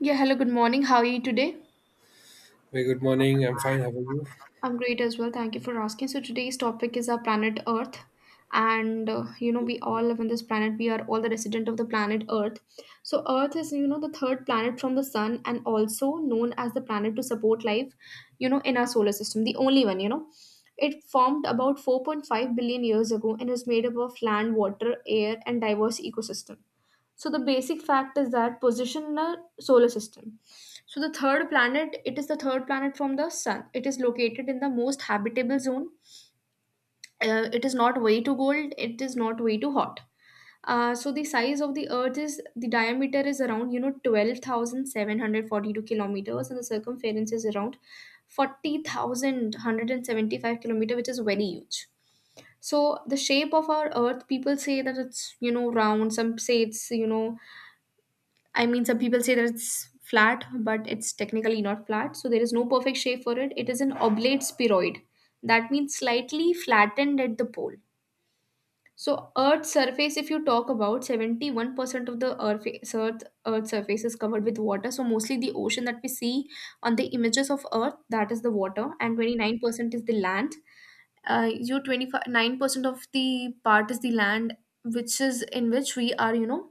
Yeah, hello, good morning. How are you today? Very good morning. I'm fine. How are you? I'm great as well. Thank you for asking. So today's topic is our planet Earth, and you know we all live on this planet. We are all the resident of the planet Earth. So Earth is you know the third planet from the sun and also known as the planet to support life, you know, in our solar system. The only one, you know. It formed about 4.5 billion years ago and is made up of land, water, air, and diverse ecosystem. So the basic fact is that position in a solar system. So the third planet, it is the third planet from the sun. It is located in the most habitable zone. It is not way too cold. It is not way too hot. So the size of the Earth is the diameter is around you know 12,742 kilometers, and the circumference is around 40,175 kilometer, which is very huge. So the shape of our Earth, people say that it's you know round. Some say it's I mean, some people say that it's flat, but it's technically not flat. So there is no perfect shape for it. It is an oblate spheroid. That means slightly flattened at the pole. So Earth's surface, if you talk about 71% of the Earth, Earth surface is covered with water. So mostly the ocean that we see on the images of Earth, that is the water, and 29% is the land. You 29% of the part is the land, which is in which we are, you know,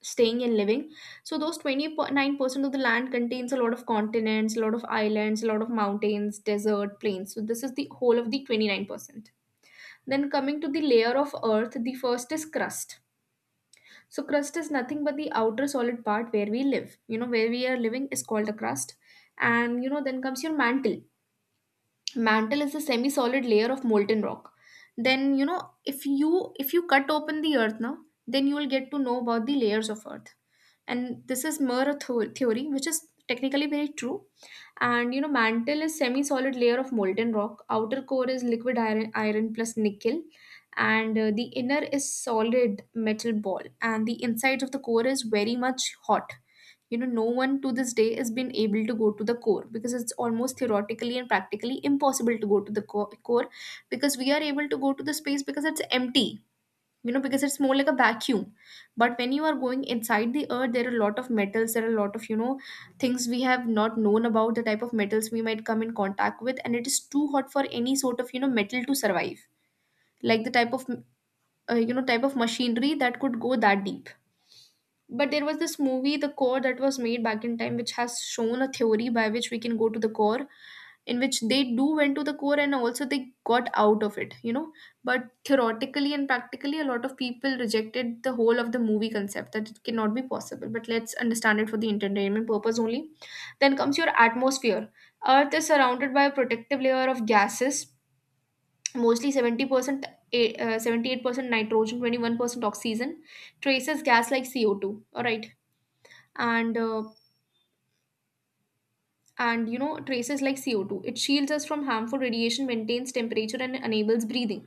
staying and living. So those 29% of the land contains a lot of continents, a lot of islands, a lot of mountains, desert, plains. So this is the whole of the 29%. Then coming to the layer of earth, the first is crust. So crust is nothing but the outer solid part where we live. You know, where we are living is called the crust. And you know, then comes your mantle. Mantle is a semi-solid layer of molten rock. Then, you know, if you cut open the earth now, then you will get to know about the layers of earth, and this is more theory which is technically very true. And you know, mantle is semi solid layer of molten rock, outer core is liquid iron, iron plus nickel, and the inner is solid metal ball, and the inside of the core is very much hot. You know, no one to this day has been able to go to the core because it's almost theoretically and practically impossible to go to the core, because we are able to go to the space because it's empty, you know, because it's more like a vacuum. But when you are going inside the earth, there are a lot of metals, there are a lot of you know things we have not known about, the type of metals we might come in contact with, and it is too hot for any sort of you know metal to survive, like the type of you know type of machinery that could go that deep. But there was this movie the core that was made back in time, which has shown a theory by which we can go to the core, in which they do went to the core and also they got out of it, you know. But theoretically and practically a lot of people rejected the whole of the movie concept that it cannot be possible, but let's understand it for the entertainment purpose only. Then comes your atmosphere. Earth is surrounded by a protective layer of gases, mostly 70% 78% nitrogen, 21% oxygen, traces gas like CO2, all right. And and you know traces like CO2. It shields us from harmful radiation, maintains temperature, and enables breathing.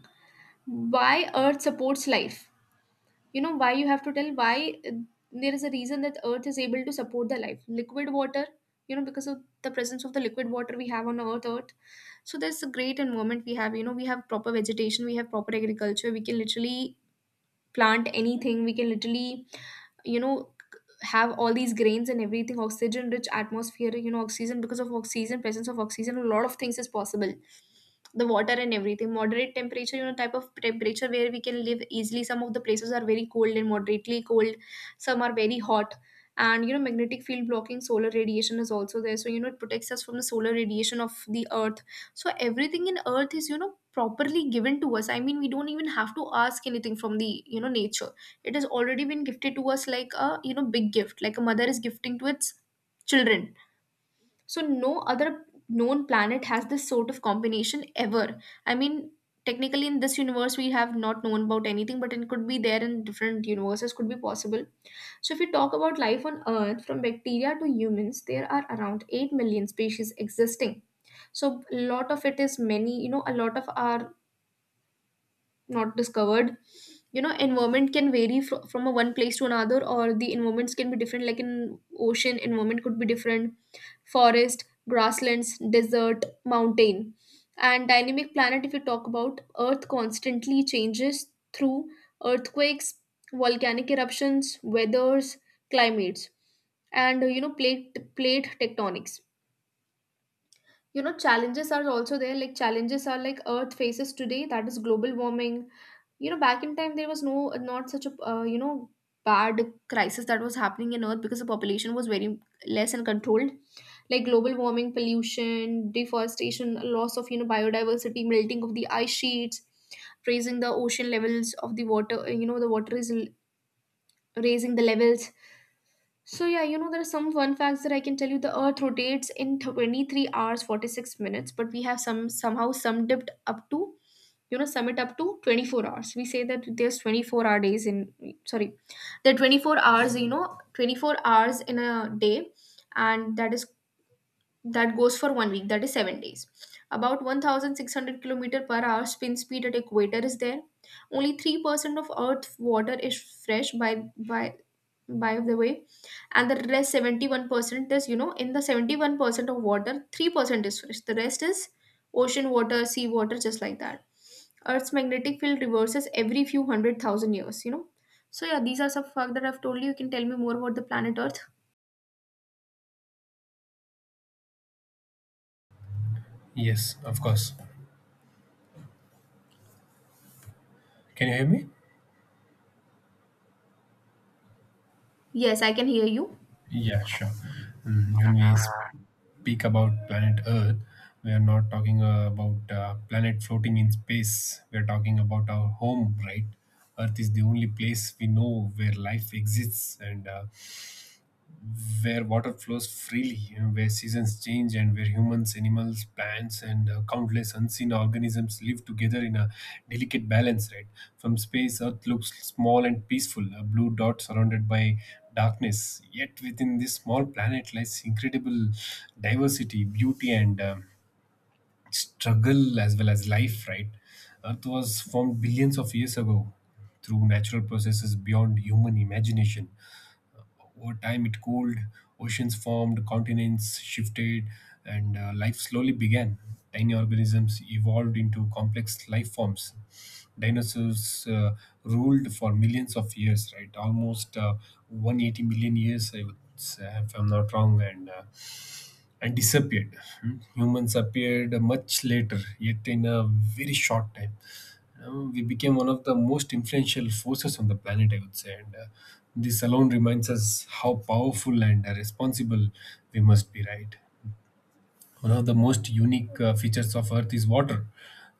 Why Earth supports life? You know why you have to tell why. There is a reason that Earth is able to support the life. Liquid water, you know, because of the presence of the liquid water we have on Earth. Earth. So there's a great environment we have. You know, we have proper vegetation, we have proper agriculture. We can literally plant anything, we can literally you know have all these grains and everything. Oxygen rich atmosphere, you know oxygen, because of oxygen, presence of oxygen a lot of things is possible, the water and everything. Moderate temperature, you know type of temperature where we can live easily. Some of the places are very cold and moderately cold, some are very hot. And you know, magnetic field blocking solar radiation is also there, so you know it protects us from the solar radiation of the earth. So everything in earth is you know properly given to us. I mean, we don't even have to ask anything from the you know nature. It has already been gifted to us like a you know big gift, like a mother is gifting to its children. So no other known planet has this sort of combination ever. I mean, technically in this universe we have not known about anything, but it could be there in different universes, could be possible. So, if we talk about life on Earth, from bacteria to humans, there are around 8 million species existing. So, a lot of it is many, you know, a lot of our not discovered. You know, environment can vary from a one place to another, or the environments can be different, like in ocean environment could be different, forest, grasslands, desert, mountain. And dynamic planet, if you talk about earth, constantly changes through earthquakes, volcanic eruptions, weathers, climates, and you know plate tectonics. You know, challenges are also there, like challenges are like earth faces today, that is global warming. You know, back in time there was no, not such a you know bad crisis that was happening in earth, because the population was very less and controlled. Like global warming, pollution, deforestation, loss of you know biodiversity, melting of the ice sheets, raising the ocean levels of the water. You know, the water is raising the levels. So yeah, you know, there are some fun facts that I can tell you. The earth rotates in 23 hours 46 minutes, but we have some somehow some dipped up to you know sum it up to 24 hours. We say that there's 24-hour days in, sorry, there are 24 hours, you know, 24 hours in a day, and that is that goes for 1 week, that is 7 days. About 1600 kilometer per hour spin speed at equator is there. Only 3% of earth water is fresh, by the way. And the rest 71% is you know, in the 71% of water, 3% is fresh, the rest is ocean water, sea water, just like that. Earth's magnetic field reverses every few 100,000 years, you know. So yeah, these are some facts that I've told you. You can tell me more about the planet earth. Yes, of course. Can you hear me? Yes, I can hear you. Yeah, sure. Mm, when we speak about planet Earth, we are not talking about planet floating in space. We are talking about our home, right? Earth is the only place we know where life exists, and where water flows freely, you know, where seasons change, and where humans, animals, plants, and countless unseen organisms live together in a delicate balance, right? From space, Earth looks small and peaceful, a blue dot surrounded by darkness. Yet within this small planet lies incredible diversity, beauty, and struggle as well as life, right? Earth was formed billions of years ago through natural processes beyond human imagination. Over time, it cooled, oceans formed, continents shifted, and life slowly began. Tiny organisms evolved into complex life forms. Dinosaurs ruled for millions of years, right? Almost 180 million years, I would say, if I'm not wrong. And disappeared. Hmm. Humans appeared much later, yet in a very short time. We became one of the most influential forces on the planet, I would say. And this alone reminds us how powerful and responsible we must be, right? One of the most unique features of earth is water.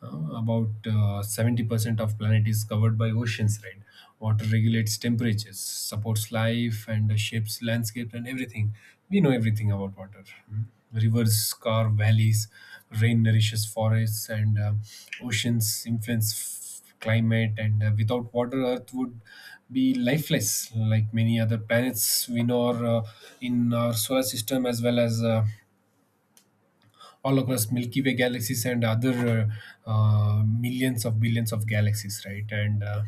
About 70% of planet is covered by oceans, right? Water regulates temperatures, supports life, and shapes landscapes and everything we know. Everything about water. Hmm. Rivers carve valleys, rain nourishes forests, and oceans climate, and without water earth would be lifeless, like many other planets we know are, in our solar system as well as all across Milky Way galaxies and other millions of billions of galaxies, right? And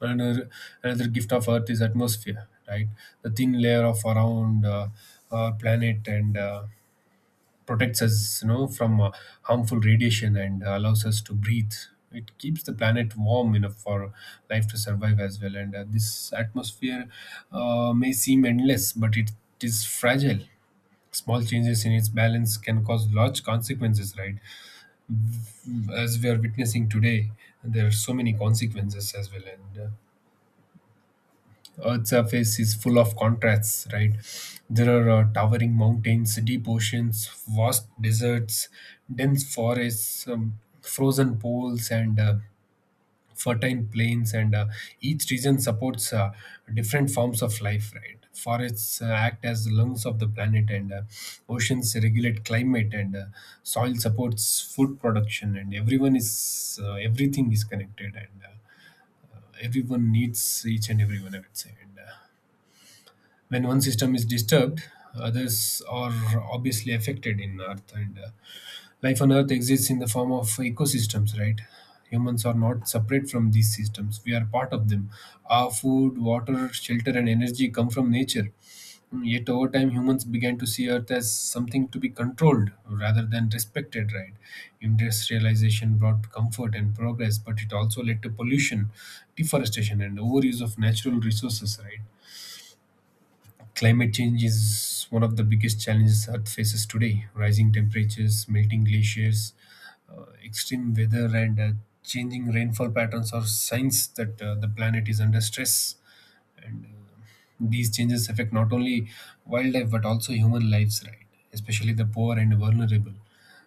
another another gift of Earth is atmosphere, right? The thin layer of around our planet, and protects us, you know, from harmful radiation and allows us to breathe. It keeps the planet warm enough for life to survive as well. And this atmosphere may seem endless, but it is fragile. Small changes in its balance can cause large consequences, right? As we are witnessing today, there are so many consequences as well. And Earth's surface is full of contrasts, right? There are towering mountains, deep oceans, vast deserts, dense forests, frozen poles, and fertile plains, and each region supports different forms of life, right? Forests act as the lungs of the planet, and oceans regulate climate, and soil supports food production, and everyone is— everything is connected, and everyone needs each and everyone, I would say. And when one system is disturbed, others are obviously affected in earth. And Life on Earth exists in the form of ecosystems, right? Humans are not separate from these systems. We are part of them. Our food, water, shelter, and energy come from nature. Yet, over time, humans began to see Earth as something to be controlled rather than respected, right? Industrialization brought comfort and progress, but it also led to pollution, deforestation, and overuse of natural resources, right? Climate change is one of the biggest challenges Earth faces today. Rising temperatures, melting glaciers, extreme weather, and changing rainfall patterns are signs that the planet is under stress. And these changes affect not only wildlife but also human lives, right? Especially the poor and vulnerable.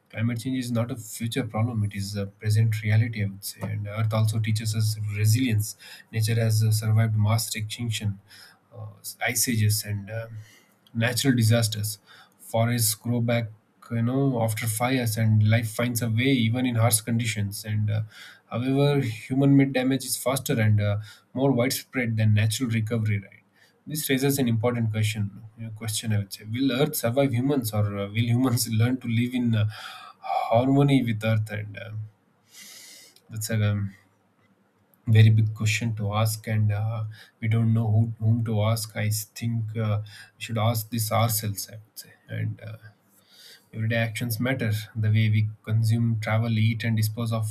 Climate change is not a future problem, it is a present reality, I would say. And Earth also teaches us resilience. Nature has survived mass extinction, uh, ice ages, and natural disasters. Forests grow back. You know, after fires, and life finds a way even in harsh conditions. And however, human-made damage is faster and more widespread than natural recovery. Right? This raises an important question. Question, I would say: Will Earth survive humans, or will humans learn to live in harmony with Earth? And that's a very big question to ask, and we don't know who— whom to ask. I think we should ask this ourselves, I would say. And everyday actions matter. The way we consume, travel, eat, and dispose of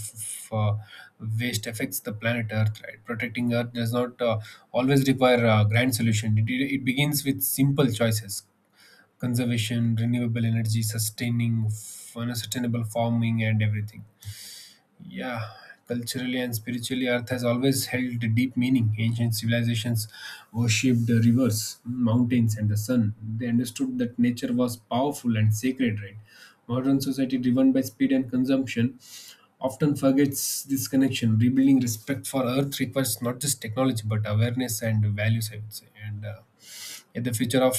uh, waste affects the planet Earth. Right? Protecting Earth does not always require a grand solution. It begins with simple choices: conservation, renewable energy, sustaining— you know, sustainable farming, and everything. Yeah, culturally and spiritually, Earth has always held deep meaning. Ancient civilizations worshipped the rivers, mountains, and the sun. They understood that nature was powerful and sacred. Right? Modern society, driven by speed and consumption, often forgets this connection. Rebuilding respect for Earth requires not just technology but awareness and values, I would say. And yeah, the future of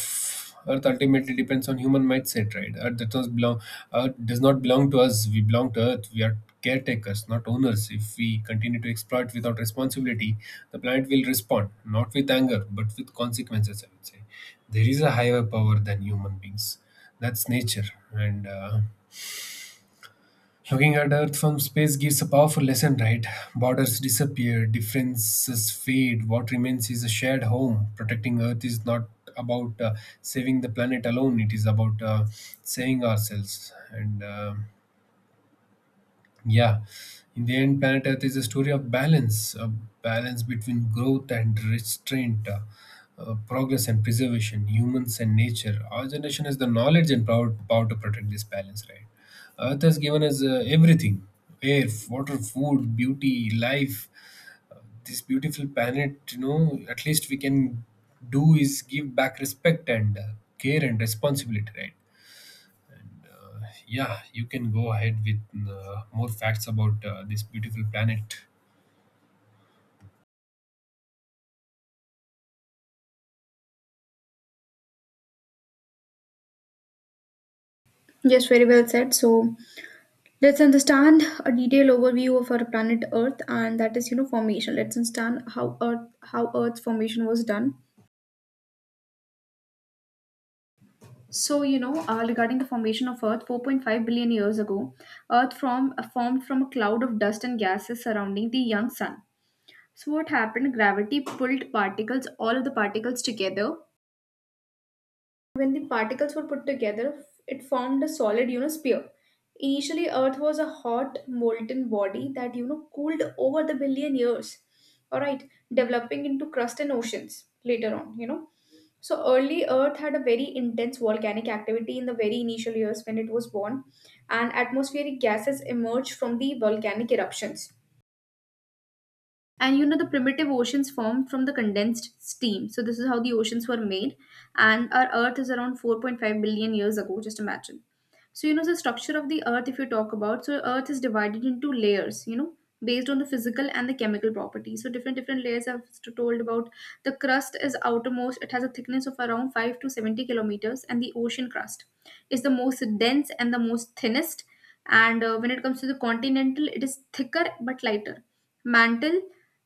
Earth ultimately depends on human mindset, right? Earth does not belong to us. We belong to Earth. We are caretakers, not owners. If we continue to exploit without responsibility, the planet will respond, not with anger, but with consequences, I would say. There is a higher power than human beings. That's nature. And Looking at Earth from space gives a powerful lesson, right? Borders disappear, differences fade, what remains is a shared home. Protecting Earth is not about saving the planet alone, it is about saving ourselves. And Yeah, in the end, Planet Earth is a story of balance, a balance between growth and restraint, progress and preservation, humans and nature. Our generation has the knowledge and power, power to protect this balance, right? Earth has given us everything: air, water, food, beauty, life. This beautiful planet, you know, at least we can do is give back respect, and care, and responsibility, right? Yeah, you can go ahead with more facts about this beautiful planet. Yes, very well said. So let's understand a detailed overview of our planet Earth, and that is, you know, formation. Let's understand how Earth, how Earth's formation was done. So, you know, regarding the formation of Earth, 4.5 billion years ago, Earth from formed from a cloud of dust and gases surrounding the young sun. So, what happened? Gravity pulled particles, all of the particles together. When the particles were put together, it formed a solid, you know, sphere. Initially, Earth was a hot, molten body that, you know, cooled over the billion years. All right, developing into crust and oceans later on, you know. So early Earth had a very intense volcanic activity in the very initial years when it was born, and atmospheric gases emerged from the volcanic eruptions, and you know the primitive oceans formed from the condensed steam. So this is how the oceans were made. And our earth is around 4.5 billion years ago, just imagine. So, you know, the structure of the earth, if you talk about, so earth is divided into layers, you know, based on the physical and the chemical properties. So different different layers I've told about. The crust is outermost, it has a thickness of around 5 to 70 kilometers, and the ocean crust is the most dense and the most thinnest. And when it comes to the continental, it is thicker but lighter. Mantle,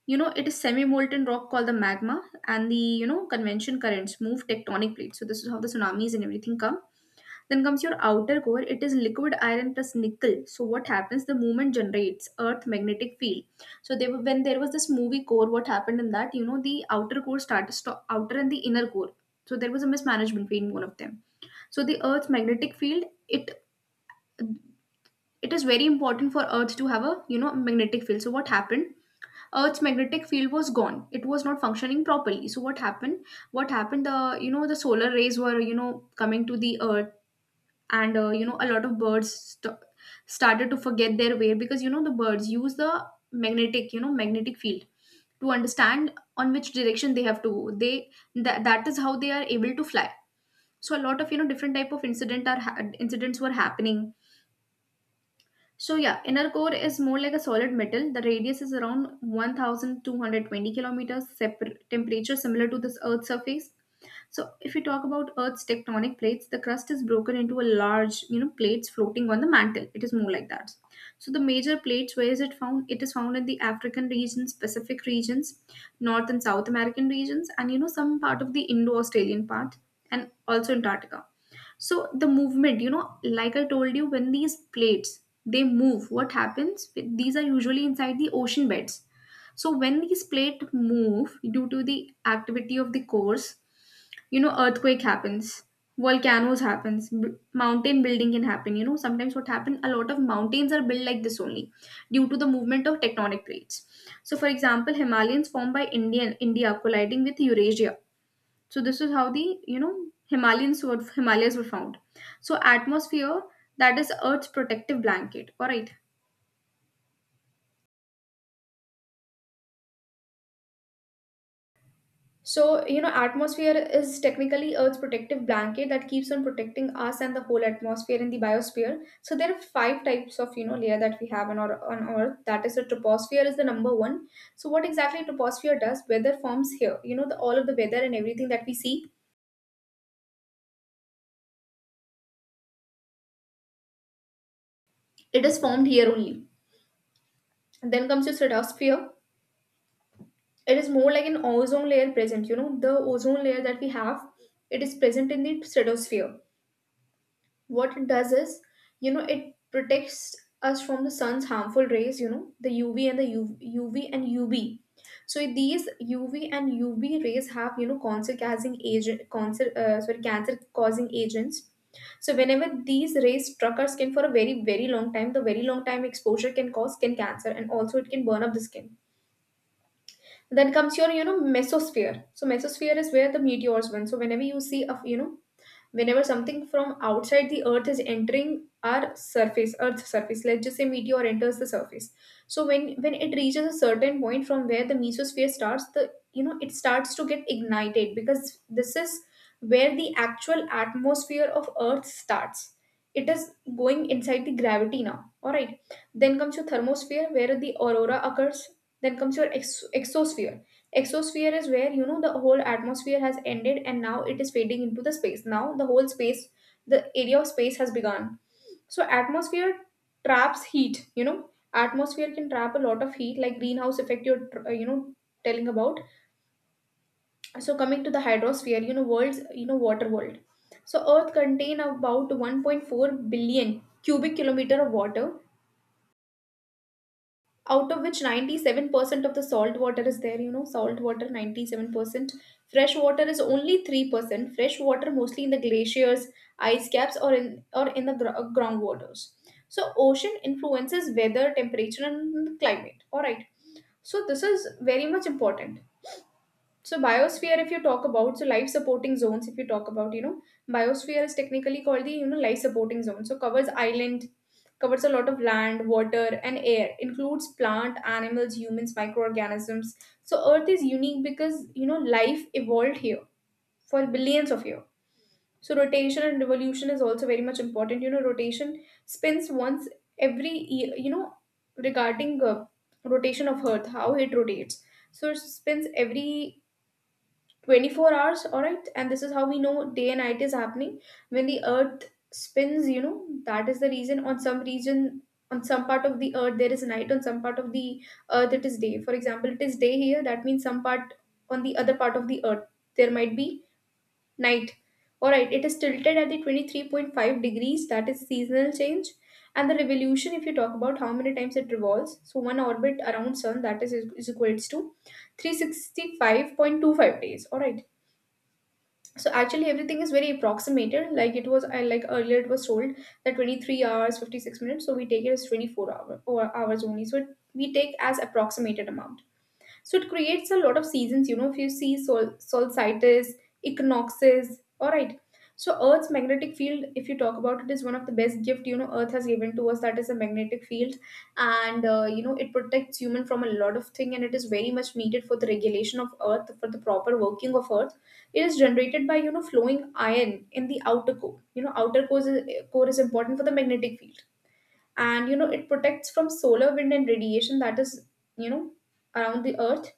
you know, it is semi-molten rock called the magma, and the you know convention currents move tectonic plates. So this is how the tsunamis and everything come. Then comes your outer core, it is liquid iron plus nickel. So what happens? The movement generates earth magnetic field. So when there was this movie core, what happened in that? You know, the outer core started stop, outer and the inner core. So there was a mismanagement between one of them. So the earth's magnetic field, it is very important for earth to have a magnetic field. So what happened? Earth's magnetic field was gone. It was not functioning properly. So what happened? What happened? The solar rays were coming to the earth, and a lot of birds started to forget their way, because you know the birds use the magnetic you know magnetic field to understand on which direction they have to they That is how they are able to fly. So a lot of different type of incidents were happening. So, yeah, inner core is more like a solid metal. The radius is around 1,220 kilometers, temperature similar to this earth's surface. So if we talk about Earth's tectonic plates, the crust is broken into a large, you know, plates floating on the mantle. It is more like that. So the major plates, where is it found? It is found in the African regions, Pacific regions, North and South American regions, and, you know, some part of the Indo-Australian part, and also Antarctica. So the movement, you know, like I told you, when these plates they move, what happens? These are usually inside the ocean beds. So when these plates move due to the activity of the cores, you know, earthquake happens, volcanoes happens, mountain building can happen. You know, sometimes what happen, a lot of mountains are built like this only, due to the movement of tectonic plates. So, for example, Himalayans formed by India colliding with Eurasia. So this is how the, you know himalayans were Himalayas were found. So atmosphere, that is earth's protective blanket, all right. So, you know, atmosphere is technically Earth's protective blanket that keeps on protecting us and the whole atmosphere in the biosphere. So there are five types of, you know, layer that we have on our on Earth. That is the troposphere is the number one. So what exactly troposphere does? Weather forms here. You know, the all of the weather and everything that we see, it is formed here only. And then comes the stratosphere. It is more like an ozone layer present. You know, the ozone layer that we have, it is present in the stratosphere. What it does is, you know, it protects us from the sun's harmful rays, you know, the UV and the UV, and UV. So these UV and UV rays have, you know, cancer causing agent, cancer, sorry, cancer causing agents. So whenever these rays struck our skin for a very very long time, the very long time exposure can cause skin cancer, and also it can burn up the skin. Then comes your, mesosphere. So mesosphere is where the meteors went. So whenever you see a, you know, whenever something from outside the earth is entering our surface earth's surface, let's just say meteor enters the surface. So when it reaches a certain point from where the mesosphere starts, the you know it starts to get ignited, because this is where the actual atmosphere of earth starts. It is going inside the gravity now, all right. Then comes your thermosphere where the aurora occurs. Then comes your exosphere. Exosphere is where, you know, the whole atmosphere has ended and now it is fading into the space. Now the whole space, the area of space has begun. So atmosphere traps heat. You know, atmosphere can trap a lot of heat, like greenhouse effect. You're telling about. So coming to the hydrosphere, world's water world. So Earth contain about 1.4 billion cubic kilometer of water, out of which 97% of the salt water is there, you know, salt water 97%. Fresh water is only 3%, fresh water mostly in the glaciers, ice caps, or in the groundwaters. So ocean influences weather, temperature and climate, all right. So this is very much important. So biosphere, if you talk about, so life supporting zones, if you talk about, you know, biosphere is technically called the, you know, life supporting zone. So covers island, covers a lot of land, water, and air, includes plant, animals, humans, microorganisms. So Earth is unique because, you know, life evolved here for billions of years. So rotation and revolution is also very much important. You know, rotation spins once every year, you know, regarding rotation of Earth, how it rotates. So it spins every 24 hours, all right, and this is how we know day and night is happening. When the earth spins, you know, that is the reason on some region, on some part of the earth there is night, on some part of the earth it is day. For example, it is day here, that means some part on the other part of the earth there might be night, all right. It is tilted at the 23.5 degrees, that is seasonal change. And the revolution, if you talk about how many times it revolves, so one orbit around sun, that is equals to 365.25 days, all right. So actually everything is very approximated, like it was, I like earlier it was told that 23 hours 56 minutes, so we take it as 24 hours only, so we take as approximated amount. So it creates a lot of seasons. You know, if you see solstices, equinoxes, all right. So Earth's magnetic field, if you talk about it, is one of the best gift, you know, Earth has given to us. That is a magnetic field, and you know it protects human from a lot of thing, and it is very much needed for the regulation of Earth, for the proper working of Earth. It is generated by, you know, flowing iron in the outer core. You know, core is important for the magnetic field, and, you know, it protects from solar wind and radiation that is, you know, around the earth.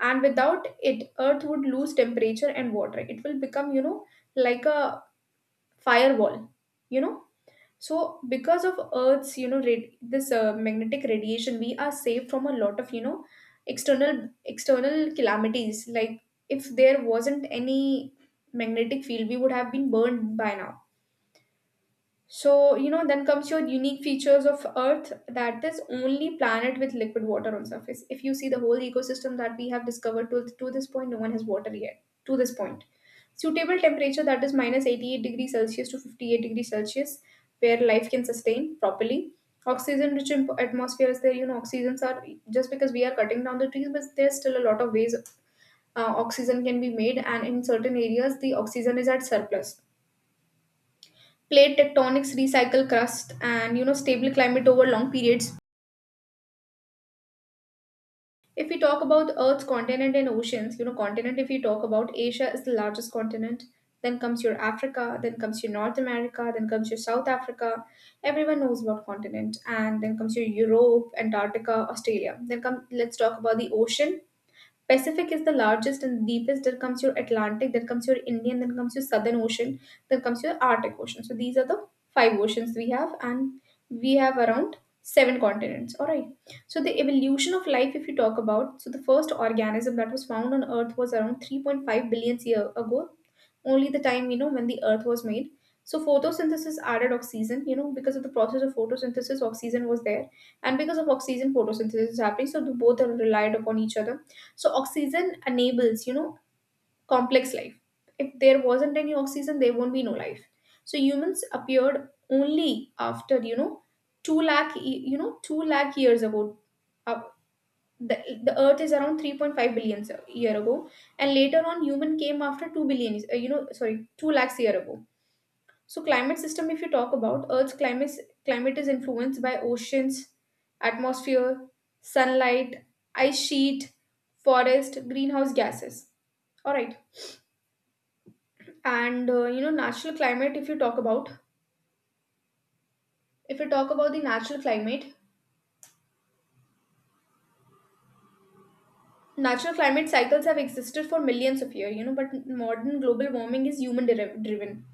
And without it earth would lose temperature and water, it will become, you know, like a firewall, you know. So because of earth's, you know, this magnetic radiation, we are safe from a lot of, you know, external calamities, like if there wasn't any magnetic field we would have been burned by now. So, you know, then comes your unique features of Earth, that is only planet with liquid water on surface. If you see the whole ecosystem that we have discovered to this point, no one has water yet. To this point. Suitable temperature, that is minus 88 degrees Celsius to 58 degrees Celsius, where life can sustain properly. Oxygen rich atmosphere is there. You know, oxygens are just because we are cutting down the trees, but there's still a lot of ways oxygen can be made, and in certain areas, the oxygen is at surplus. Plate tectonics recycle crust and, you know, stable climate over long periods. If we talk about Earth's continent and oceans, you know, continent, if we talk about, Asia is the largest continent, then comes your Africa, then comes your North America, then comes your South Africa. Everyone knows about continent. And then comes your Europe, Antarctica, Australia. Then come Let's talk about the ocean. Pacific is the largest and deepest. Then comes your Atlantic, then comes your Indian, then comes your Southern Ocean, then comes your Arctic Ocean. So these are the five oceans we have, and we have around seven continents. All right. So the evolution of life, if you talk about, so the first organism that was found on Earth was around 3.5 billion years ago, only the time, you know, when the Earth was made. So photosynthesis added oxygen, you know, because of the process of photosynthesis, oxygen was there. And because of oxygen, photosynthesis is happening. So the both are relied upon each other. So oxygen enables, you know, complex life. If there wasn't any oxygen, there won't be no life. So humans appeared only after, you know, two lakh years ago. Uh, the, the Earth is around 3.5 billion year ago, and later on human came after 2 billion, sorry, two lakhs year ago. So climate system, if you talk about Earth's climate is influenced by oceans, atmosphere, sunlight, ice sheet, forest, greenhouse gases. All right. And you know, natural climate, if you talk about the natural climate cycles have existed for millions of years, you know, but modern global warming is human driven.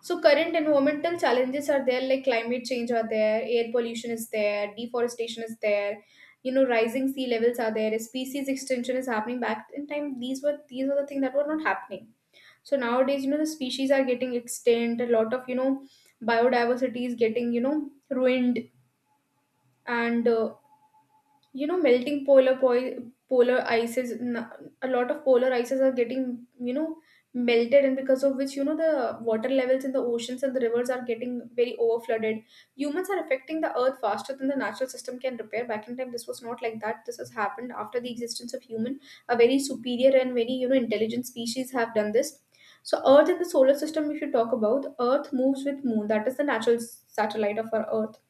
So current environmental challenges are there, like climate change are there, air pollution is there, deforestation is there, you know, rising sea levels are there, species extinction is happening. Back in time, these are the things that were not happening. So nowadays, you know, the species are getting extinct, a lot of, you know, biodiversity is getting, you know, ruined, and you know, melting polar a lot of polar ices are getting, you know, melted, and because of which, you know, the water levels in the oceans and the rivers are getting very over flooded. Humans are affecting the earth faster than the natural system can repair. Back in time this was not like that, this has happened after the existence of human. A very superior and very, you know, intelligent species have done this. So earth and the solar system, if you talk about, earth moves with moon, that is the natural satellite of our earth,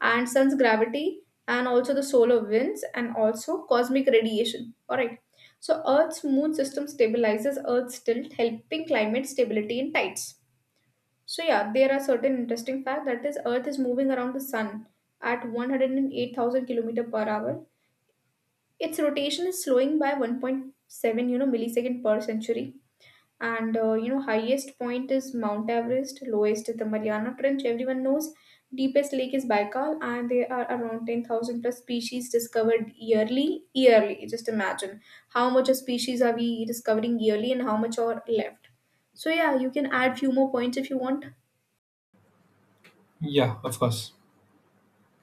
and sun's gravity, and also the solar winds, and also cosmic radiation, all right. So earth's moon system stabilizes earth's tilt, helping climate stability in tides. So yeah, there are certain interesting facts, that is earth is moving around the sun at 108,000 kilometer per hour. Its rotation is slowing by 1.7, you know, millisecond per century. And you know, highest point is Mount Everest, lowest is the Mariana Trench, everyone knows. Deepest lake is Baikal, and there are around 10,000 plus species discovered yearly, yearly just imagine, how much of species are we discovering yearly, and how much are left. So yeah, you can add few more points if you want. Yeah, of course.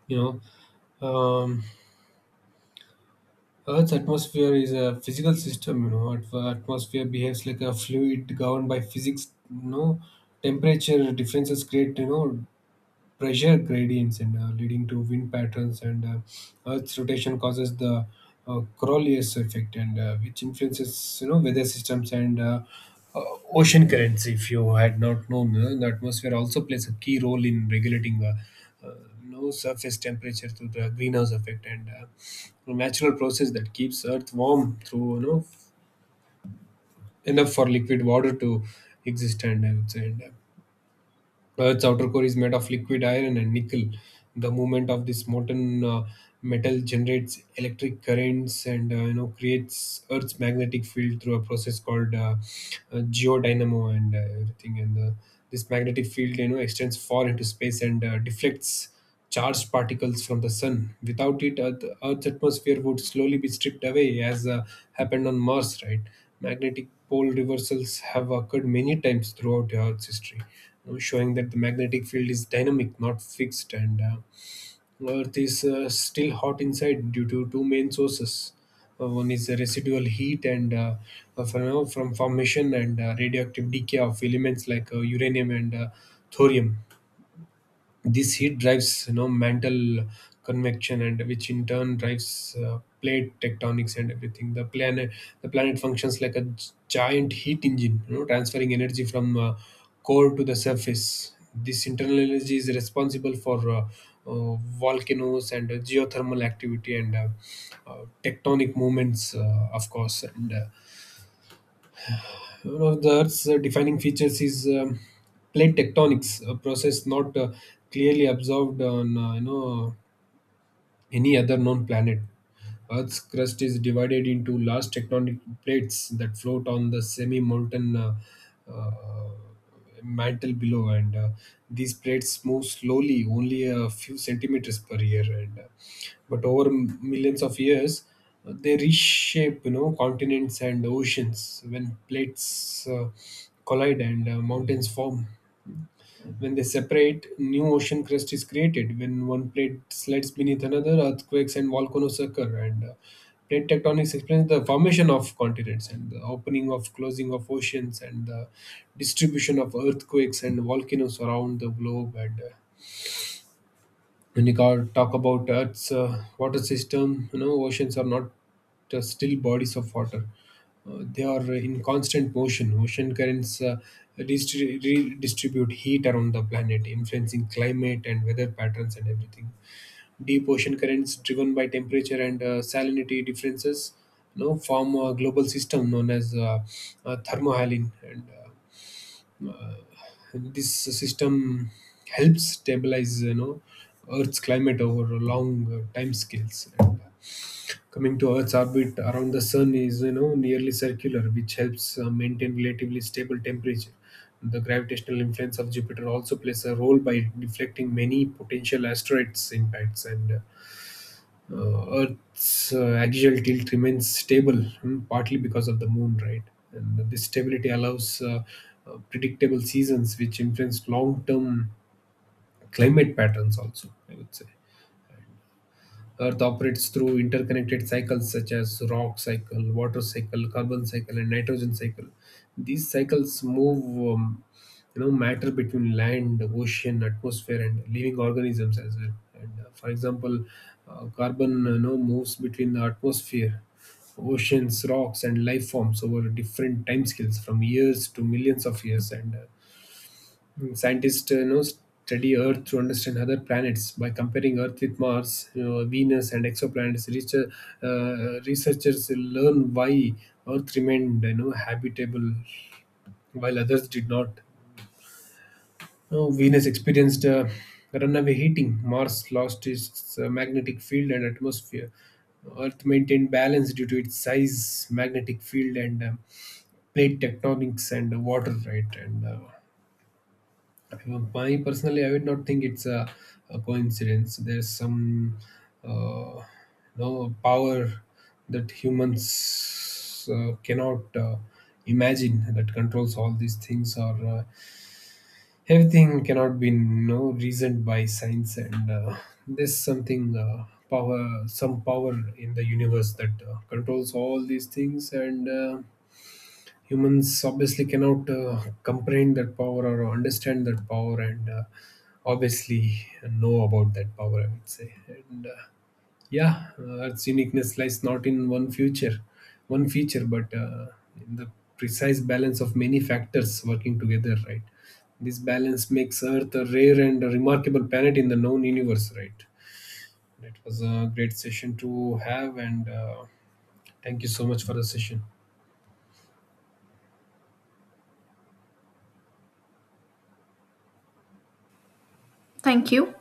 You know, Earth's atmosphere is a physical system. You know, atmosphere behaves like a fluid governed by physics. You know, temperature differences create, you know, pressure gradients, and leading to wind patterns, and earth's rotation causes the Coriolis effect, and which influences, you know, weather systems, and uh, ocean currents, if you had not known. The atmosphere also plays a key role in regulating, you know, surface temperature through the greenhouse effect, and a natural process that keeps earth warm through, you know, enough for liquid water to exist, and I would say. Its outer core is made of liquid iron and nickel. The movement of this molten metal generates electric currents, and you know, creates Earth's magnetic field through a process called geodynamo and everything. And This magnetic field, you know, extends far into space, and deflects charged particles from the sun. Without it, Earth's atmosphere would slowly be stripped away, as happened on Mars, right? Magnetic pole reversals have occurred many times throughout Earth's history, showing that the magnetic field is dynamic, not fixed. And Earth is still hot inside due to two main sources. One is the residual heat, from formation, and radioactive decay of elements like uranium, and thorium. This heat drives, you know, mantle convection, and which in turn drives plate tectonics and everything. The planet functions like a giant heat engine, you know, transferring energy from core to the surface. This internal energy is responsible for uh, volcanoes, and geothermal activity, and tectonic movements, of course. And One of the Earth's defining features is plate tectonics, a process not clearly observed on, you know, any other known planet. Earth's crust is divided into large tectonic plates that float on the semi molten uh, mantle below, and these plates move slowly, only a few centimeters per year. And But over millions of years, they reshape, you know, continents and oceans. When plates collide, and mountains form. When they separate, new ocean crust is created. When one plate slides beneath another, earthquakes and volcanoes occur. And Plate tectonics explains the formation of continents, and the opening of closing of oceans, and the distribution of earthquakes and volcanoes around the globe. And When you talk about Earth's water system, you know, oceans are not still bodies of water. They are in constant motion. Ocean currents redistribute heat around the planet, influencing climate and weather patterns and everything. Deep ocean currents, driven by temperature and salinity differences, you know, form a global system known as thermohaline. And uh, this system helps stabilize, you know, earth's climate over long time scales. And Coming to earth's orbit around the sun, is, you know, nearly circular, which helps maintain relatively stable temperature. The gravitational influence of Jupiter also plays a role by deflecting many potential asteroids impacts, and Earth's axial tilt remains stable, hmm, partly because of the moon, right? And this stability allows predictable seasons, which influence long term climate patterns, also, I would say. Earth operates through interconnected cycles such as rock cycle, water cycle, carbon cycle, and nitrogen cycle. These cycles move, you know, matter between land, ocean, atmosphere, and living organisms as well. And For example, carbon, you know, moves between the atmosphere, oceans, rocks, and life forms, over different time scales, from years to millions of years. And Mm, scientists you know, study Earth to understand other planets by comparing Earth with Mars, you know, Venus, and exoplanets. Researchers learn why Earth remained, you know, habitable, while others did not. You Venus experienced runaway heating, Mars lost its magnetic field and atmosphere. Earth maintained balance due to its size, magnetic field, and plate tectonics and water, right? And My personally, I would not think it's a coincidence. There's some uh, no power that humans cannot imagine that controls all these things, or everything cannot be no reasoned by science. And There's something some power in the universe that controls all these things. And. Humans obviously cannot comprehend that power or understand that power, and obviously know about that power, I would say. And Yeah, its uniqueness lies not in one feature, but in the precise balance of many factors working together, right? This balance makes earth a rare and a remarkable planet in the known universe, right? It was a great session to have, and thank you so much for the session. Thank you.